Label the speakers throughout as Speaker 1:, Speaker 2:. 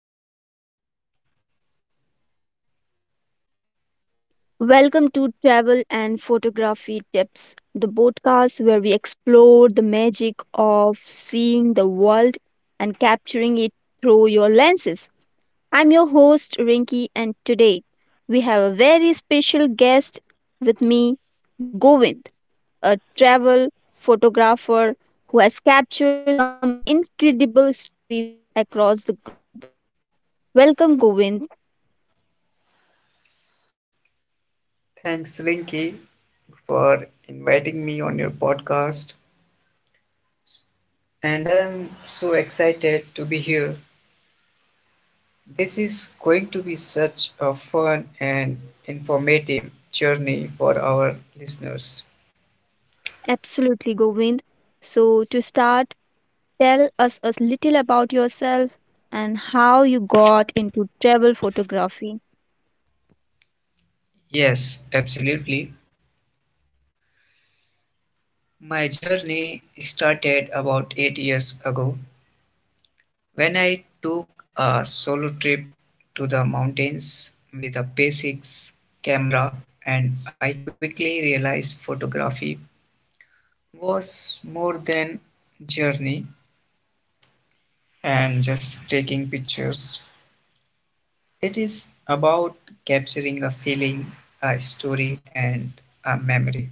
Speaker 1: everyone. Welcome to Travel and Photography Tips, the podcast where we explore the magic of seeing the world and capturing it through your lenses. I'm your host, Rinky, and today we have a very special guest with me, Govind, a travel photographer who has captured some incredible stories across the globe. Welcome, Govind.
Speaker 2: Thanks, Rinky, for inviting me on your podcast. And I'm so excited to be here. This is going to be such a fun and informative journey for our listeners.
Speaker 1: Absolutely, Govind. So, to start, tell us a little about yourself and how you got into travel photography.
Speaker 2: Yes, absolutely. My journey started about 8 years ago when I took a solo trip to the mountains with a basics camera, and I quickly realized photography was more than journey and just taking pictures. It is about capturing a feeling, a story, and a memory.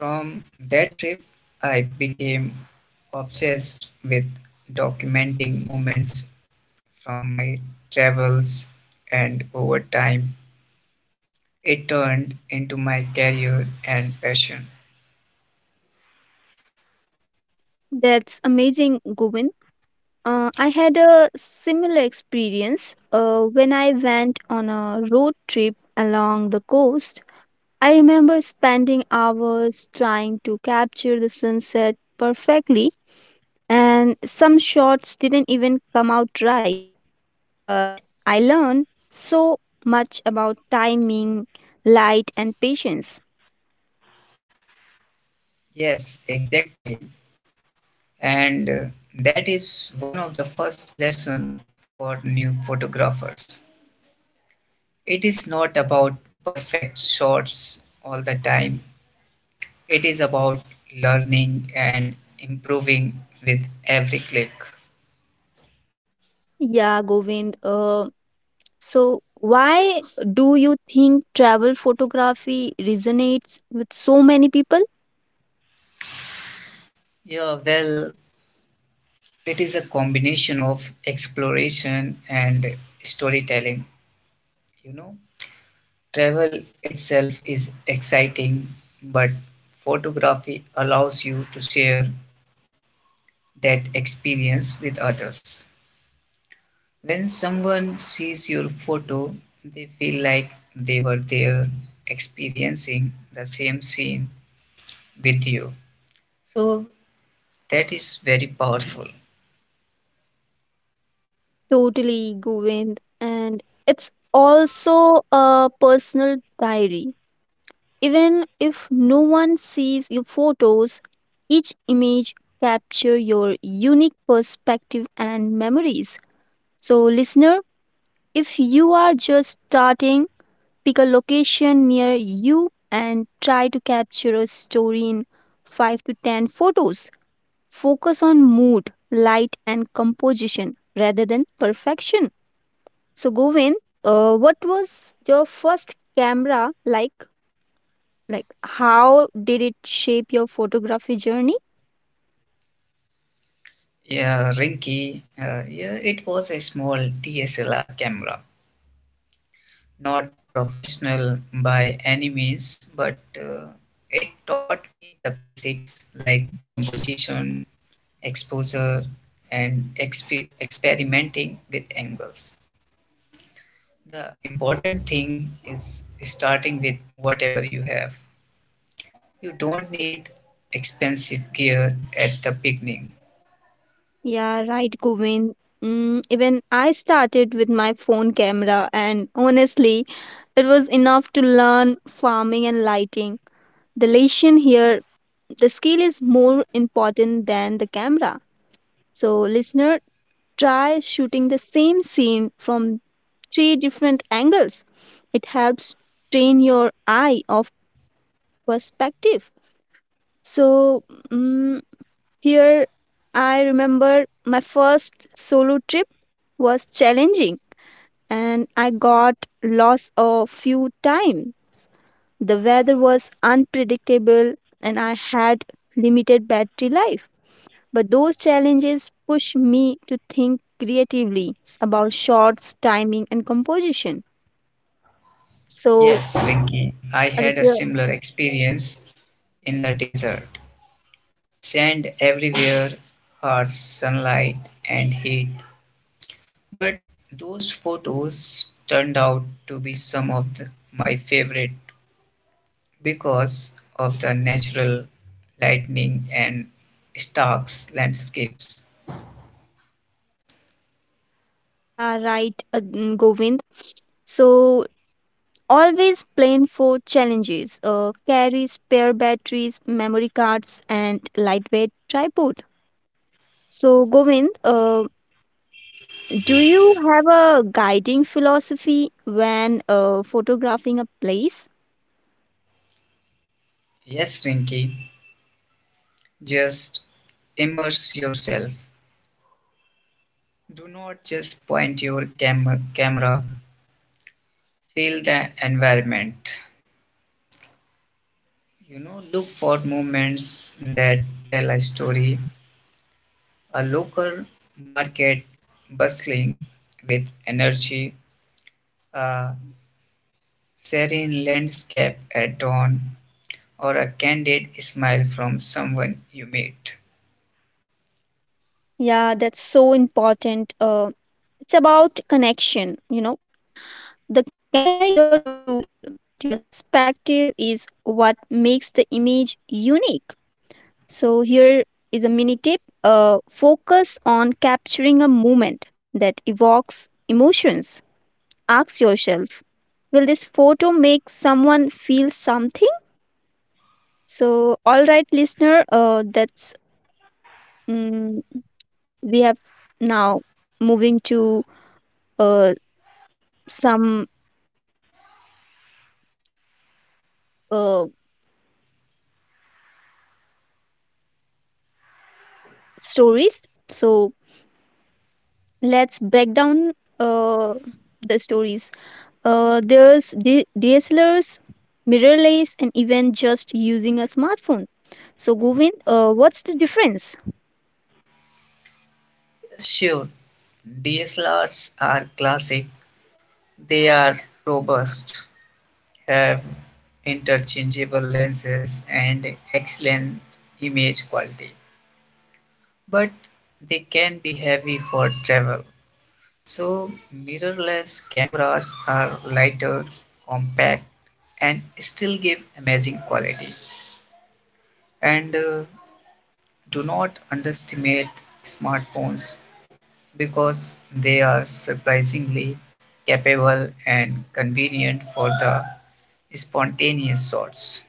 Speaker 2: From that trip, I became obsessed with documenting moments from my travels, and over time it turned into my career and passion.
Speaker 1: That's amazing, Govind. I had a similar experience when I went on a road trip along the coast. I remember spending hours trying to capture the sunset perfectly, and some shots didn't even come out right. But I learned so much about timing, light, and patience.
Speaker 2: Yes, exactly. And that is one of the first lesson for new photographers. It is not about perfect shots all the time. It is about learning and improving with every click.
Speaker 1: Yeah, Govind. So, why do you think travel photography resonates with so many people?
Speaker 2: Yeah, well, it is a combination of exploration and storytelling. You know, travel itself is exciting, but photography allows you to share that experience with others. When someone sees your photo, they feel like they were there experiencing the same scene with you. So that is very powerful.
Speaker 1: Totally, Govind. And it's also a personal diary. Even if no one sees your photos, each image capture your unique perspective and memories. So, listener, if you are just starting, pick a location near you and try to capture a story in 5 to 10 photos. Focus on mood, light, and composition rather than perfection. So, Govin, what was your first camera like? Like, how did it shape your photography journey?
Speaker 2: Yeah, Rinky, yeah, it was a small DSLR camera, not professional by any means, but it taught me the basics like composition, exposure, and experimenting with angles. The important thing is starting with whatever you have. You don't need expensive gear at the beginning.
Speaker 1: Yeah, right, Govin. Even I started with my phone camera, and honestly, it was enough to learn farming and lighting. The lesson here: the skill is more important than the camera. So, listener, try shooting the same scene from three different angles. It helps train your eye of perspective. So, mm here I remember my first solo trip was challenging and I got lost a few times. The weather was unpredictable and I had limited battery life. But those challenges push me to think creatively about shots, timing, and composition. So,
Speaker 2: Yes, Rinky, I had a
Speaker 1: Aditya,
Speaker 2: similar experience in the desert. Sand everywhere, harsh sunlight, and heat. But those photos turned out to be some of the, my favorite, because of the natural lightning and stark landscapes.
Speaker 1: yeah, right, Govind. So, always plan for challenges. Carry spare batteries, memory cards, and lightweight tripod. So, Govind, do you have a guiding philosophy when photographing a place?
Speaker 2: Yes, Rinky, just immerse yourself. Do not just point your camera, feel the environment. You know, look for moments that tell a story. A local market bustling with energy, a serene landscape at dawn, or a candid smile from someone you meet.
Speaker 1: Yeah, that's so important. It's about connection, you know. The camera is your tool, but your perspective is what makes the image unique. So, here is a mini tip, focus on capturing a moment that evokes emotions. Ask yourself, will this photo make someone feel something? So, all right, listener, mm, we have now moving to uh, some uh, stories. So, let's break down uh, the stories. There's DSLRs, mirrorless, and even just using a smartphone. So, Govind, what's the difference?
Speaker 2: Sure, DSLRs are classic. They are robust, have interchangeable lenses, and excellent image quality. But they can be heavy for travel. So, mirrorless cameras are lighter, compact, and still give amazing quality. And do not underestimate smartphones because they are surprisingly capable and convenient for the spontaneous thoughts.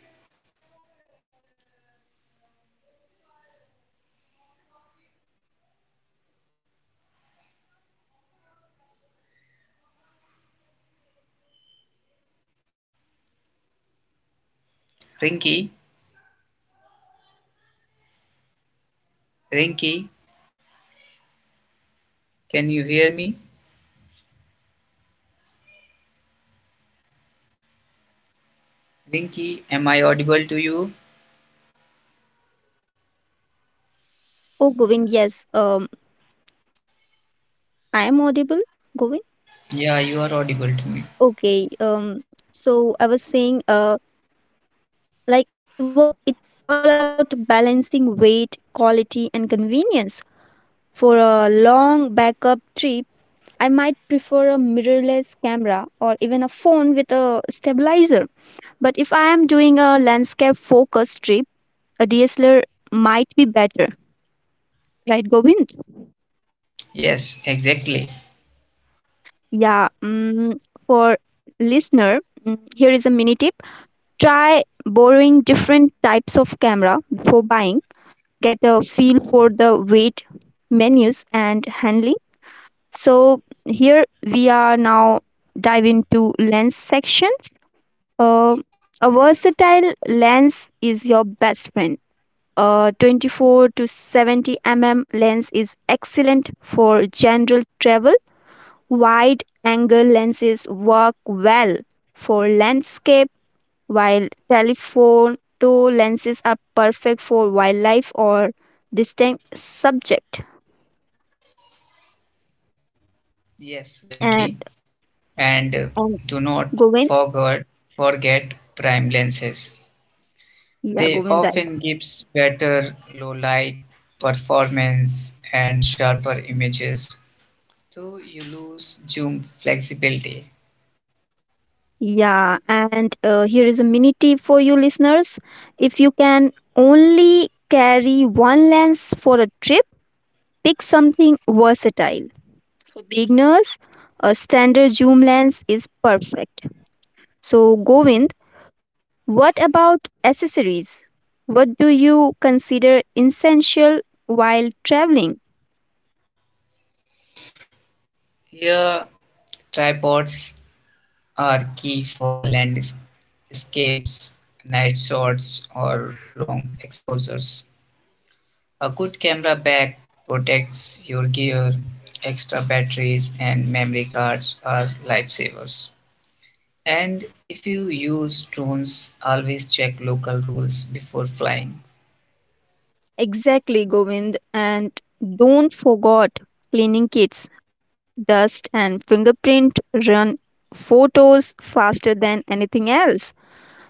Speaker 2: Rinky, Rinky, can you hear me? Rinky, am I audible to you?
Speaker 1: Oh, Govind, yes, I am audible. Govind,
Speaker 2: Yeah, you are audible to me.
Speaker 1: okay. So I was saying, like it's all about balancing weight, quality, and convenience. For a long backup trip, I might prefer a mirrorless camera or even a phone with a stabilizer. But if I am doing a landscape focused trip, a DSLR might be better, right, Govind?
Speaker 2: Yes, exactly.
Speaker 1: Yeah. For listener, here is a mini tip: try borrowing different types of camera before buying. Get a feel for the weight, menus, and handling. So here we are now dive into lens sections. Uh, a versatile lens is your best friend. 24 to 70 mm lens is excellent for general travel. Wide angle lenses work well for landscape, while telephoto lenses are perfect for wildlife or distant subject.
Speaker 2: Yes,
Speaker 1: And,
Speaker 2: Rinky. And
Speaker 1: and
Speaker 2: do not
Speaker 1: Govind,
Speaker 2: forget forget prime lenses.
Speaker 1: yeah,
Speaker 2: They
Speaker 1: Govind, right.
Speaker 2: often gives better low light performance and sharper images, so you lose zoom flexibility.
Speaker 1: Yeah, and here is a mini tip for you listeners. If you can only carry one lens for a trip, pick something versatile. For beginners, a standard zoom lens is perfect. So, Govind, what about accessories? What do you consider essential while traveling?
Speaker 2: Here, tripods are key for landscapes, night shots, or long exposures. A good camera bag protects your gear. Extra batteries and memory cards are lifesavers. And if you use drones, always check local rules before flying.
Speaker 1: Exactly, Govind. And don't forget cleaning kits. Dust and fingerprint run photos faster than anything else.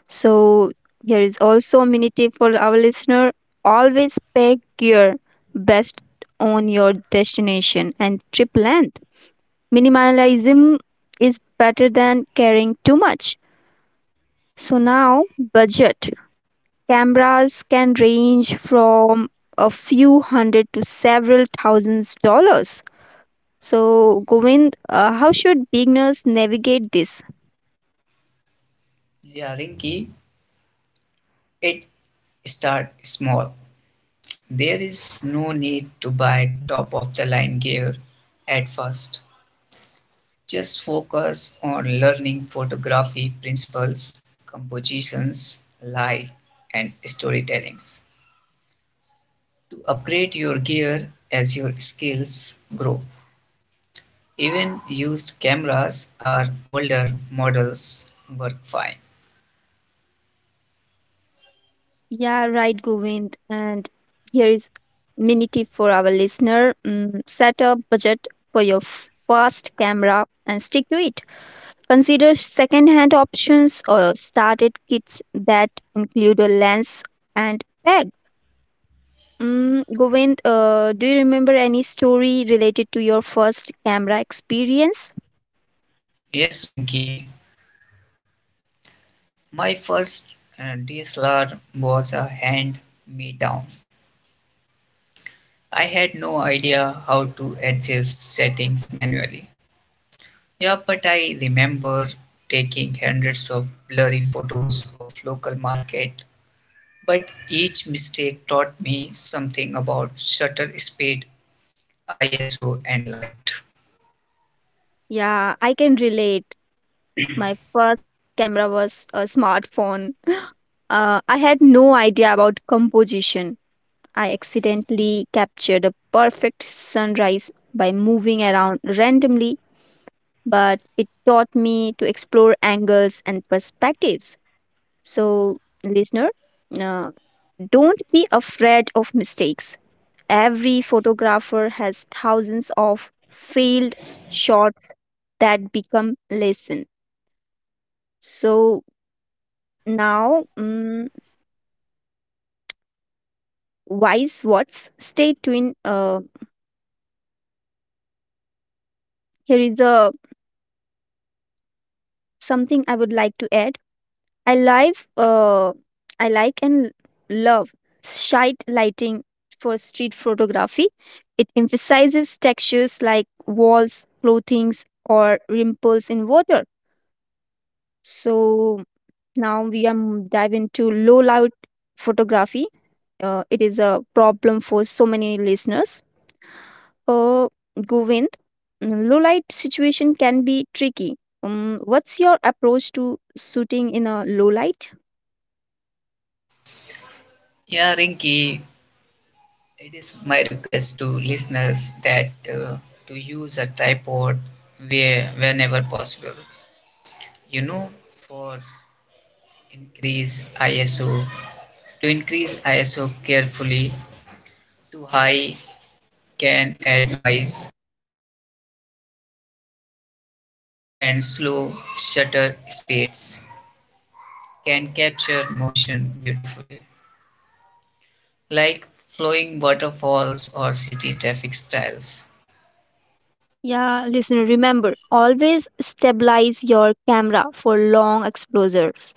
Speaker 1: So here is also a mini tip for our listener. Always pack your best on your destination and trip length. Minimalism is better than carrying too much. So now budget. Cameras can range from a few hundred to several thousands dollars. So Govind, how should beginners navigate this?
Speaker 2: Yeah, Rinky, it start small. There is no need to buy top of the line gear at first. Just focus on learning photography principles, compositions, light, and storytellings to upgrade your gear as your skills grow. Even used cameras or older models work fine.
Speaker 1: Yeah, right, Govind. And here is mini tip for our listener. Set a budget for your first camera and stick to it. Consider second-hand options or started kits that include a lens and bag. Govind, do you remember any story related to your first camera experience?
Speaker 2: Yes, Rinki, my first DSLR was a hand me down. I had no idea how to adjust settings manually. Yeah, but I remember taking hundreds of blurry photos of local market, but each mistake taught me something about shutter speed, ISO, and light.
Speaker 1: Yeah, I can relate. My first camera was a smartphone. I had no idea about composition. I accidentally captured a perfect sunrise by moving around randomly, but it taught me to explore angles and perspectives. So, listener, uh, don't be afraid of mistakes. Every photographer has thousands of failed shots that become lesson. So now, wise what's stay tuned. Here is the something I would like to add. I live, uh, I like and love shite lighting for street photography. It emphasizes textures like walls, clothings, or ripples in water. So now we dive into low light photography. It is a problem for so many listeners. Uh, Govind, low light situation can be tricky. What's your approach to shooting in a low light?
Speaker 2: Yeah, Rinky, it is my request to listeners that to use a tripod where whenever possible. You know, for increase ISO to increase ISO carefully, too high can add noise, and slow shutter speeds can capture motion beautifully, like flowing waterfalls or city traffic styles.
Speaker 1: Yeah, listener, remember always stabilize your camera for long exposures.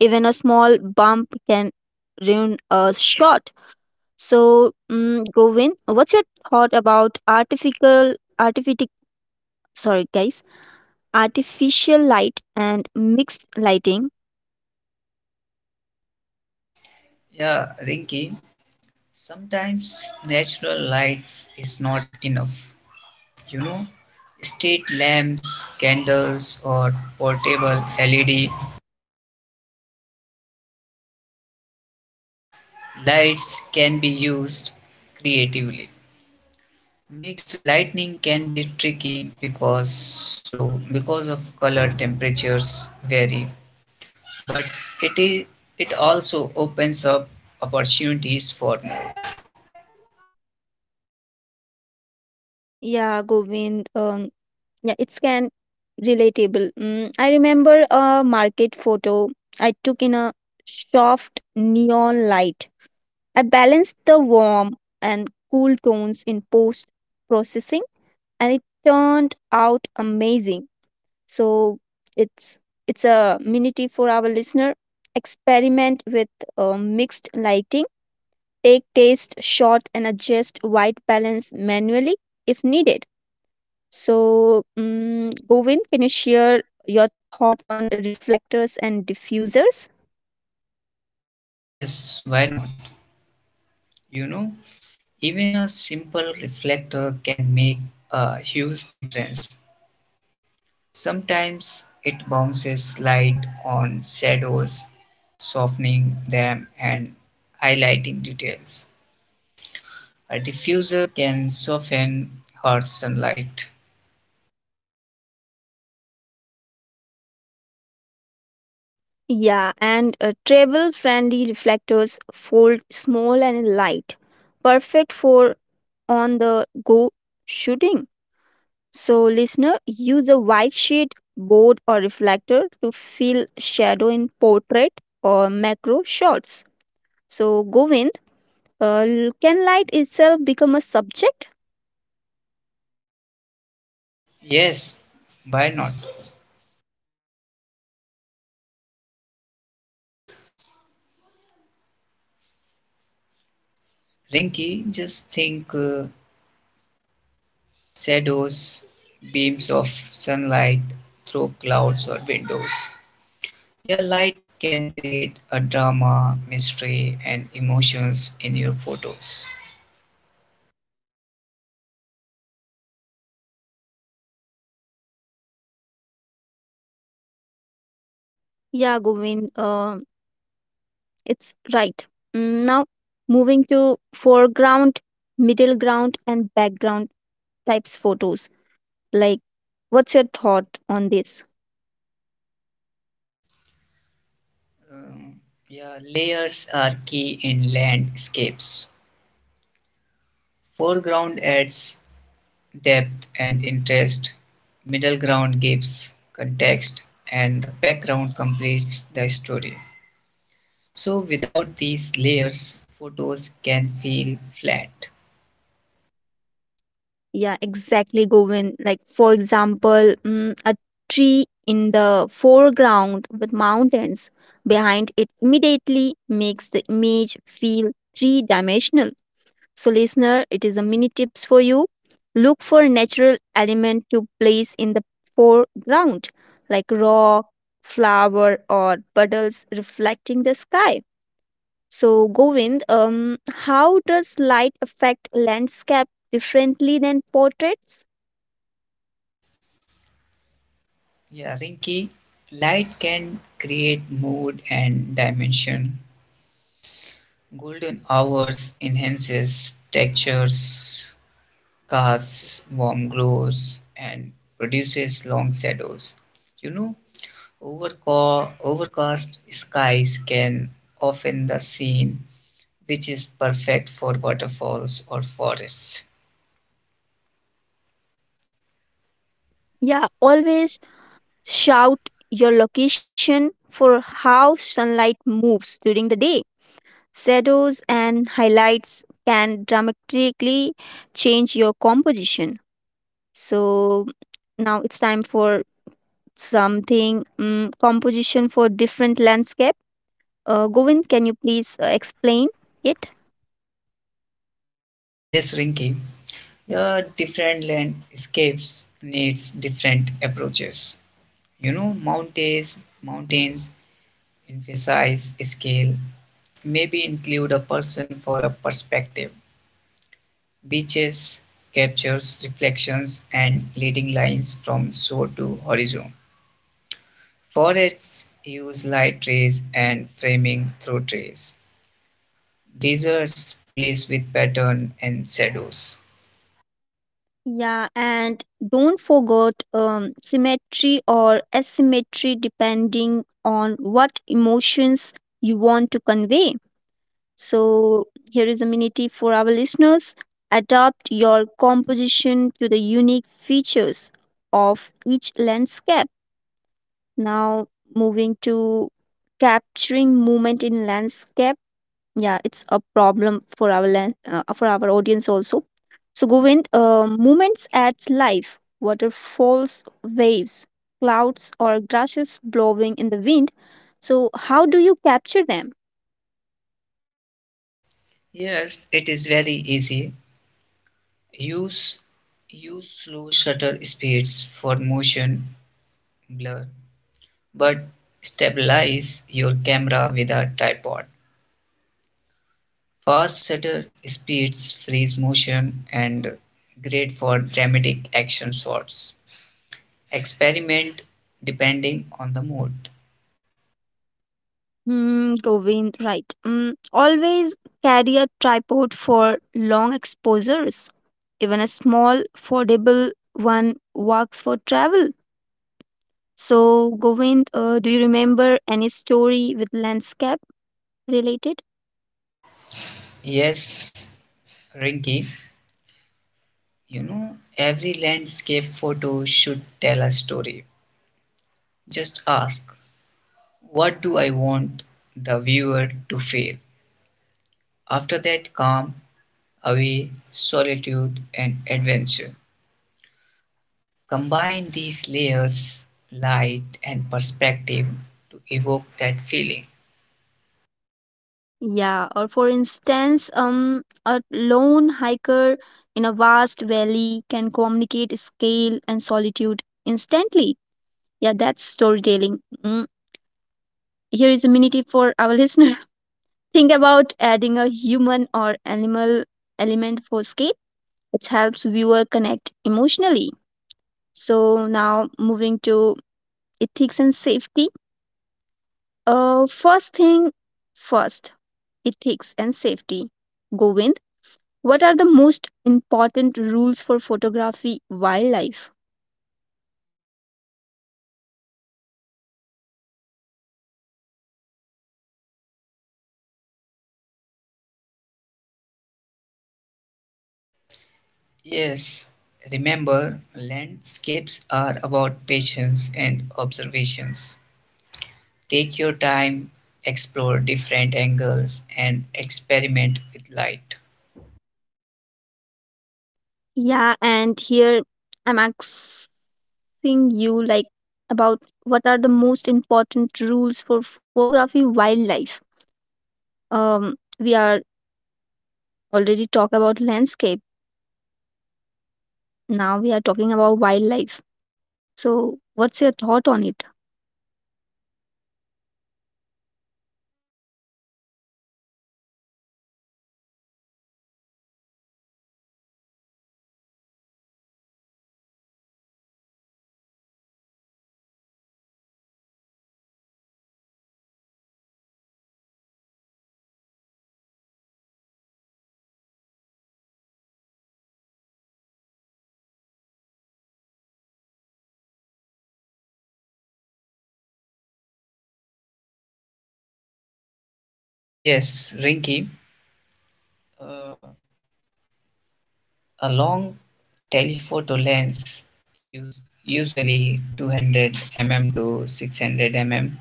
Speaker 1: Even a small bump can ruin a shot. So, Govin, what's your thought about sorry guys, artificial light and mixed lighting?
Speaker 2: Yeah, Rinky, sometimes natural lights is not enough. You know, street lamps, candles, or portable LED lights can be used creatively. Mixed lighting can be tricky because of color temperatures vary, but it is it also opens up opportunities for mood.
Speaker 1: Yeah, Govind. Yeah, it's can relatable. I remember a market photo I took in a soft neon light. I balanced the warm and cool tones in post processing and it turned out amazing. So it's it's a mini tip for our listener. Experiment with mixed lighting. Take taste shot and adjust white balance manually if needed. So Govin, can you share your thought on reflectors and diffusers?
Speaker 2: Yes, why not? You know, even a simple reflector can make a huge difference. Sometimes it bounces light on shadows, softening them and highlighting details. A diffuser can soften hard sunlight.
Speaker 1: Yeah, and travel friendly reflectors fold small and light, perfect for on the go shooting. So, listener, use a white sheet, board, or reflector to fill shadow in portrait or macro shots. So, Govind, can light itself become a subject?
Speaker 2: Yes, why not? Rinky, just think shadows, beams of sunlight through clouds or windows. Your light can create a drama, mystery, and emotions in your photos.
Speaker 1: Yeah, Govind, it's right. Now, moving to foreground, middle ground, and background types photos. Like, what's your thought on this?
Speaker 2: Um, yeah, layers are key in landscapes. Foreground adds depth and interest. Middle ground gives context, and the background completes the story. So, without these layers, photos can feel flat.
Speaker 1: Yeah, exactly, Govin. Like, for example, a tree in the foreground with mountains behind it immediately makes the image feel three dimensional. So, listener, it is a mini tips for you. Look for a natural element to place in the foreground, like rock, flower, or puddles reflecting the sky. So, Govind, how does light affect landscape differently than portraits?
Speaker 2: Yeah, Rinki, light can create mood and dimension. Golden hours enhances textures, casts warm glows, and produces long shadows. You know, overcast skies can often the scene, which is perfect for waterfalls or forests.
Speaker 1: Yeah, always shout your location for how sunlight moves during the day. Shadows and highlights can dramatically change your composition. So, now it's time for something composition for different landscape. Govind, can you please explain it?
Speaker 2: Yes, Rinky, the different landscapes needs different approaches. You know, mountains emphasize scale, maybe include a person for a perspective. Beaches captures reflections and leading lines from shore to horizon. Forests use light rays and framing through trees. Deserts plays with pattern and shadows.
Speaker 1: Yeah, and don't forget symmetry or asymmetry depending on what emotions you want to convey. So, here is a minute for our listeners, adapt your composition to the unique features of each landscape. Now, moving to capturing movement in landscape. Yeah, it's a problem for our for our audience also. So Govind, movements adds life. Waterfalls, waves, clouds, or grasses blowing in the wind. So how do you capture them?
Speaker 2: Yes, it is very easy. Use use slow shutter speeds for motion blur, but stabilize your camera with a tripod. Fast shutter speeds freeze motion and great for dramatic action shots. Experiment depending on the mood.
Speaker 1: Hmm, Govind, right. Always carry a tripod for long exposures. Even a small, foldable one works for travel. So, Govind, do you remember any story with landscape related?
Speaker 2: Yes, Rinky, you know, every landscape photo should tell a story. Just ask, what do I want the viewer to feel? After that, calm, away, solitude, and adventure. Combine these layers, light, and perspective to evoke that feeling.
Speaker 1: Yeah, or for instance, a lone hiker in a vast valley can communicate scale and solitude instantly. Yeah, that's storytelling. Mm. Here is a mini tip for our listener. Think about adding a human or animal element for scale. It helps viewer connect emotionally. So now moving to ethics and safety. First thing first, ethics and safety. Govind. What are the most important rules for photography wildlife?
Speaker 2: Yes, remember, landscapes are about patience and observations. Take your time, explore different angles, and experiment with light.
Speaker 1: Yeah, and here I'm asking you like about what are the most important rules for photography wildlife. We are already talk about landscape. Now we are talking about wildlife. So, what's your thought on it?
Speaker 2: Yes, Rinky, uh, a long telephoto lens, usually 200 mm to 600 mm,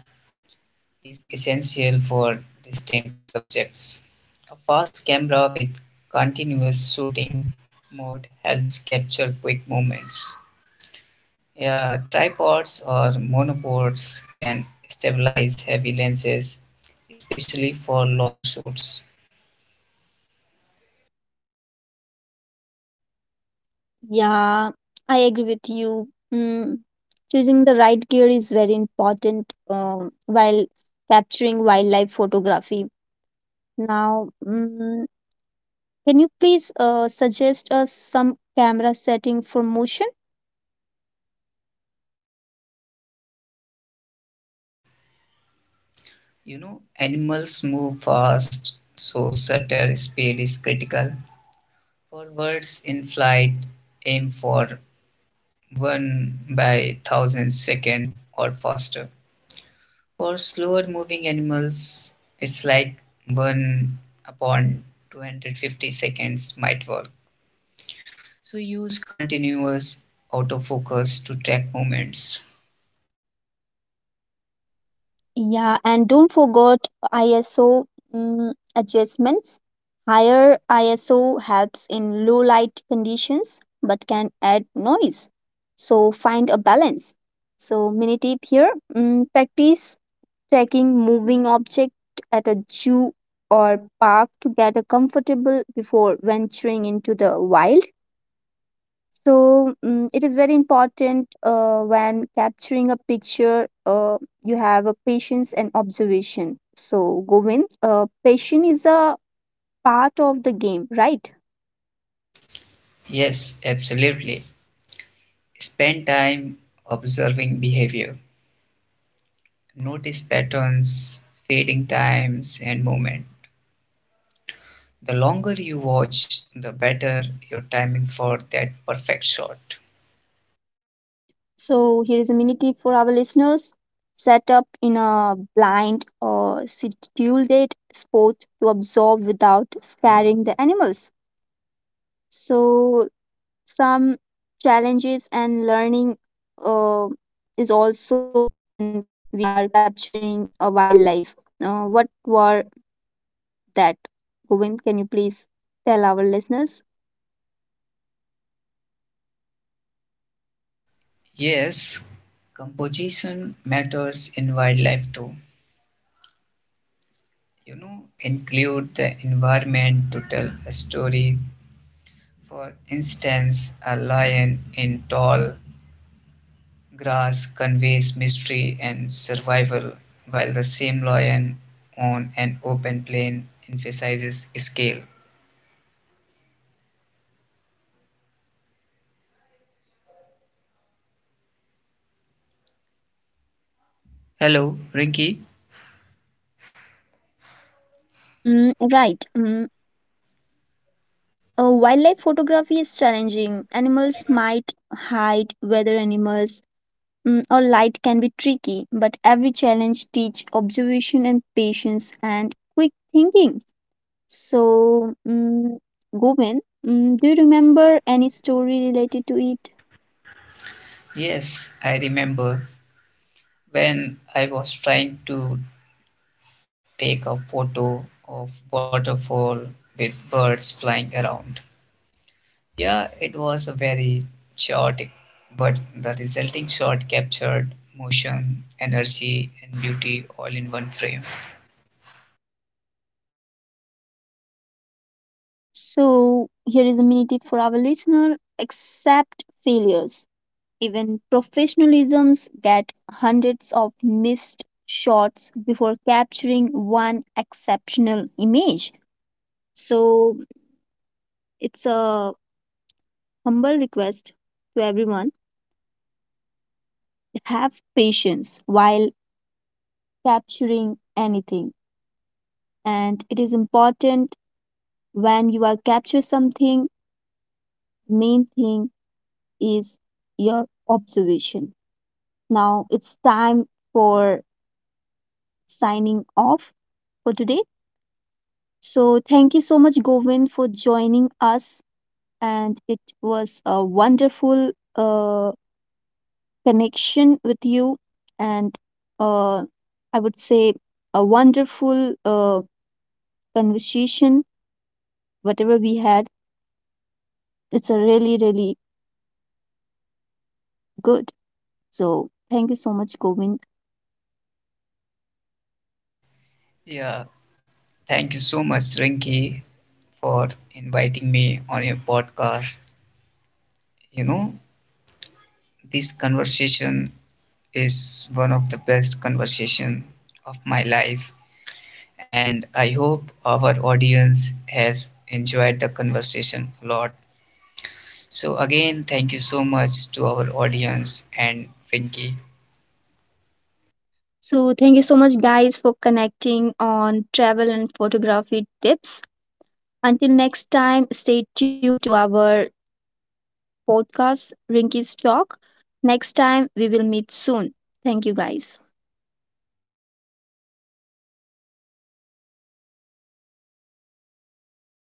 Speaker 2: is essential for distant subjects. A fast camera with continuous shooting mode helps capture quick moments. Yeah, tripods or monopods can stabilize heavy lenses, especially for long shoots.
Speaker 1: Yeah, I agree with you. Mm, choosing the right gear is very important while capturing wildlife photography. Now, can you please suggest us some camera setting for motion?
Speaker 2: Yes, Rinky. You know, animals move fast, so shutter speed is critical. For birds in flight, aim for 1 by 1,000 second or faster. For slower moving animals, it's like 1 upon 250 seconds might work. So use continuous autofocus to track movements.
Speaker 1: Yeah, and don't forget ISO adjustments. Higher ISO helps in low light conditions but can add noise. So find a balance. So mini tip here, practice tracking moving object at a zoo or park to get a comfortable before venturing into the wild. So it is very important when capturing a picture, you have a patience and observation. So, Govind, patience is a part of the game, right?
Speaker 2: Yes, absolutely. Spend time observing behavior. Notice patterns, fading times, and movement. The longer you watch, the better your timing for that perfect shot.
Speaker 1: So, here is a mini tip for our listeners, set up in a blind or scheduled spot to observe without scaring the animals. So, some challenges and learning uh, is also when we are capturing a wildlife. What were that, govind, can you please tell our listeners?
Speaker 2: Yes, composition matters in wildlife too. You know, include the environment to tell a story. For instance, a lion in tall grass conveys mystery and survival, while the same lion on an open plain emphasizes scale. Hello, Rinky.
Speaker 1: Yeah, Govind. Right. Wildlife photography is challenging. Animals might hide, weather animals or light can be tricky, but every challenge teach observation and patience and quick thinking. So, Govind, do you remember any story related to it?
Speaker 2: Yes, I remember when I was trying to take a photo of waterfall with birds flying around. Yeah, it was a very chaotic, but the resulting shot captured motion, energy, and beauty all in one frame.
Speaker 1: So, here is a mini tip for our listener, accept failures. Even professionalisms get hundreds of missed shots before capturing one exceptional image. So, it's a humble request to everyone, have patience while capturing anything, and it is important. When you are capture something, main thing is your observation. Now it's time for signing off for today. So thank you so much, Govind, for joining us, and it was a wonderful connection with you, and uh, I would say a wonderful conversation. Whatever we had, it's a really good. So thank you so much, Govind.
Speaker 2: Yeah, thank you so much, Rinki, for inviting me on your podcast. You know, this conversation is one of the best conversation of my life, and I hope our audience has enjoyed the conversation a lot. So again, thank you so much to our audience and Rinki.
Speaker 1: So, thank you so much, guys, for connecting on travel and photography tips. Until next time, stay tuned to our podcast, Rinky's Talk. Next time, we will meet soon. Thank you, guys.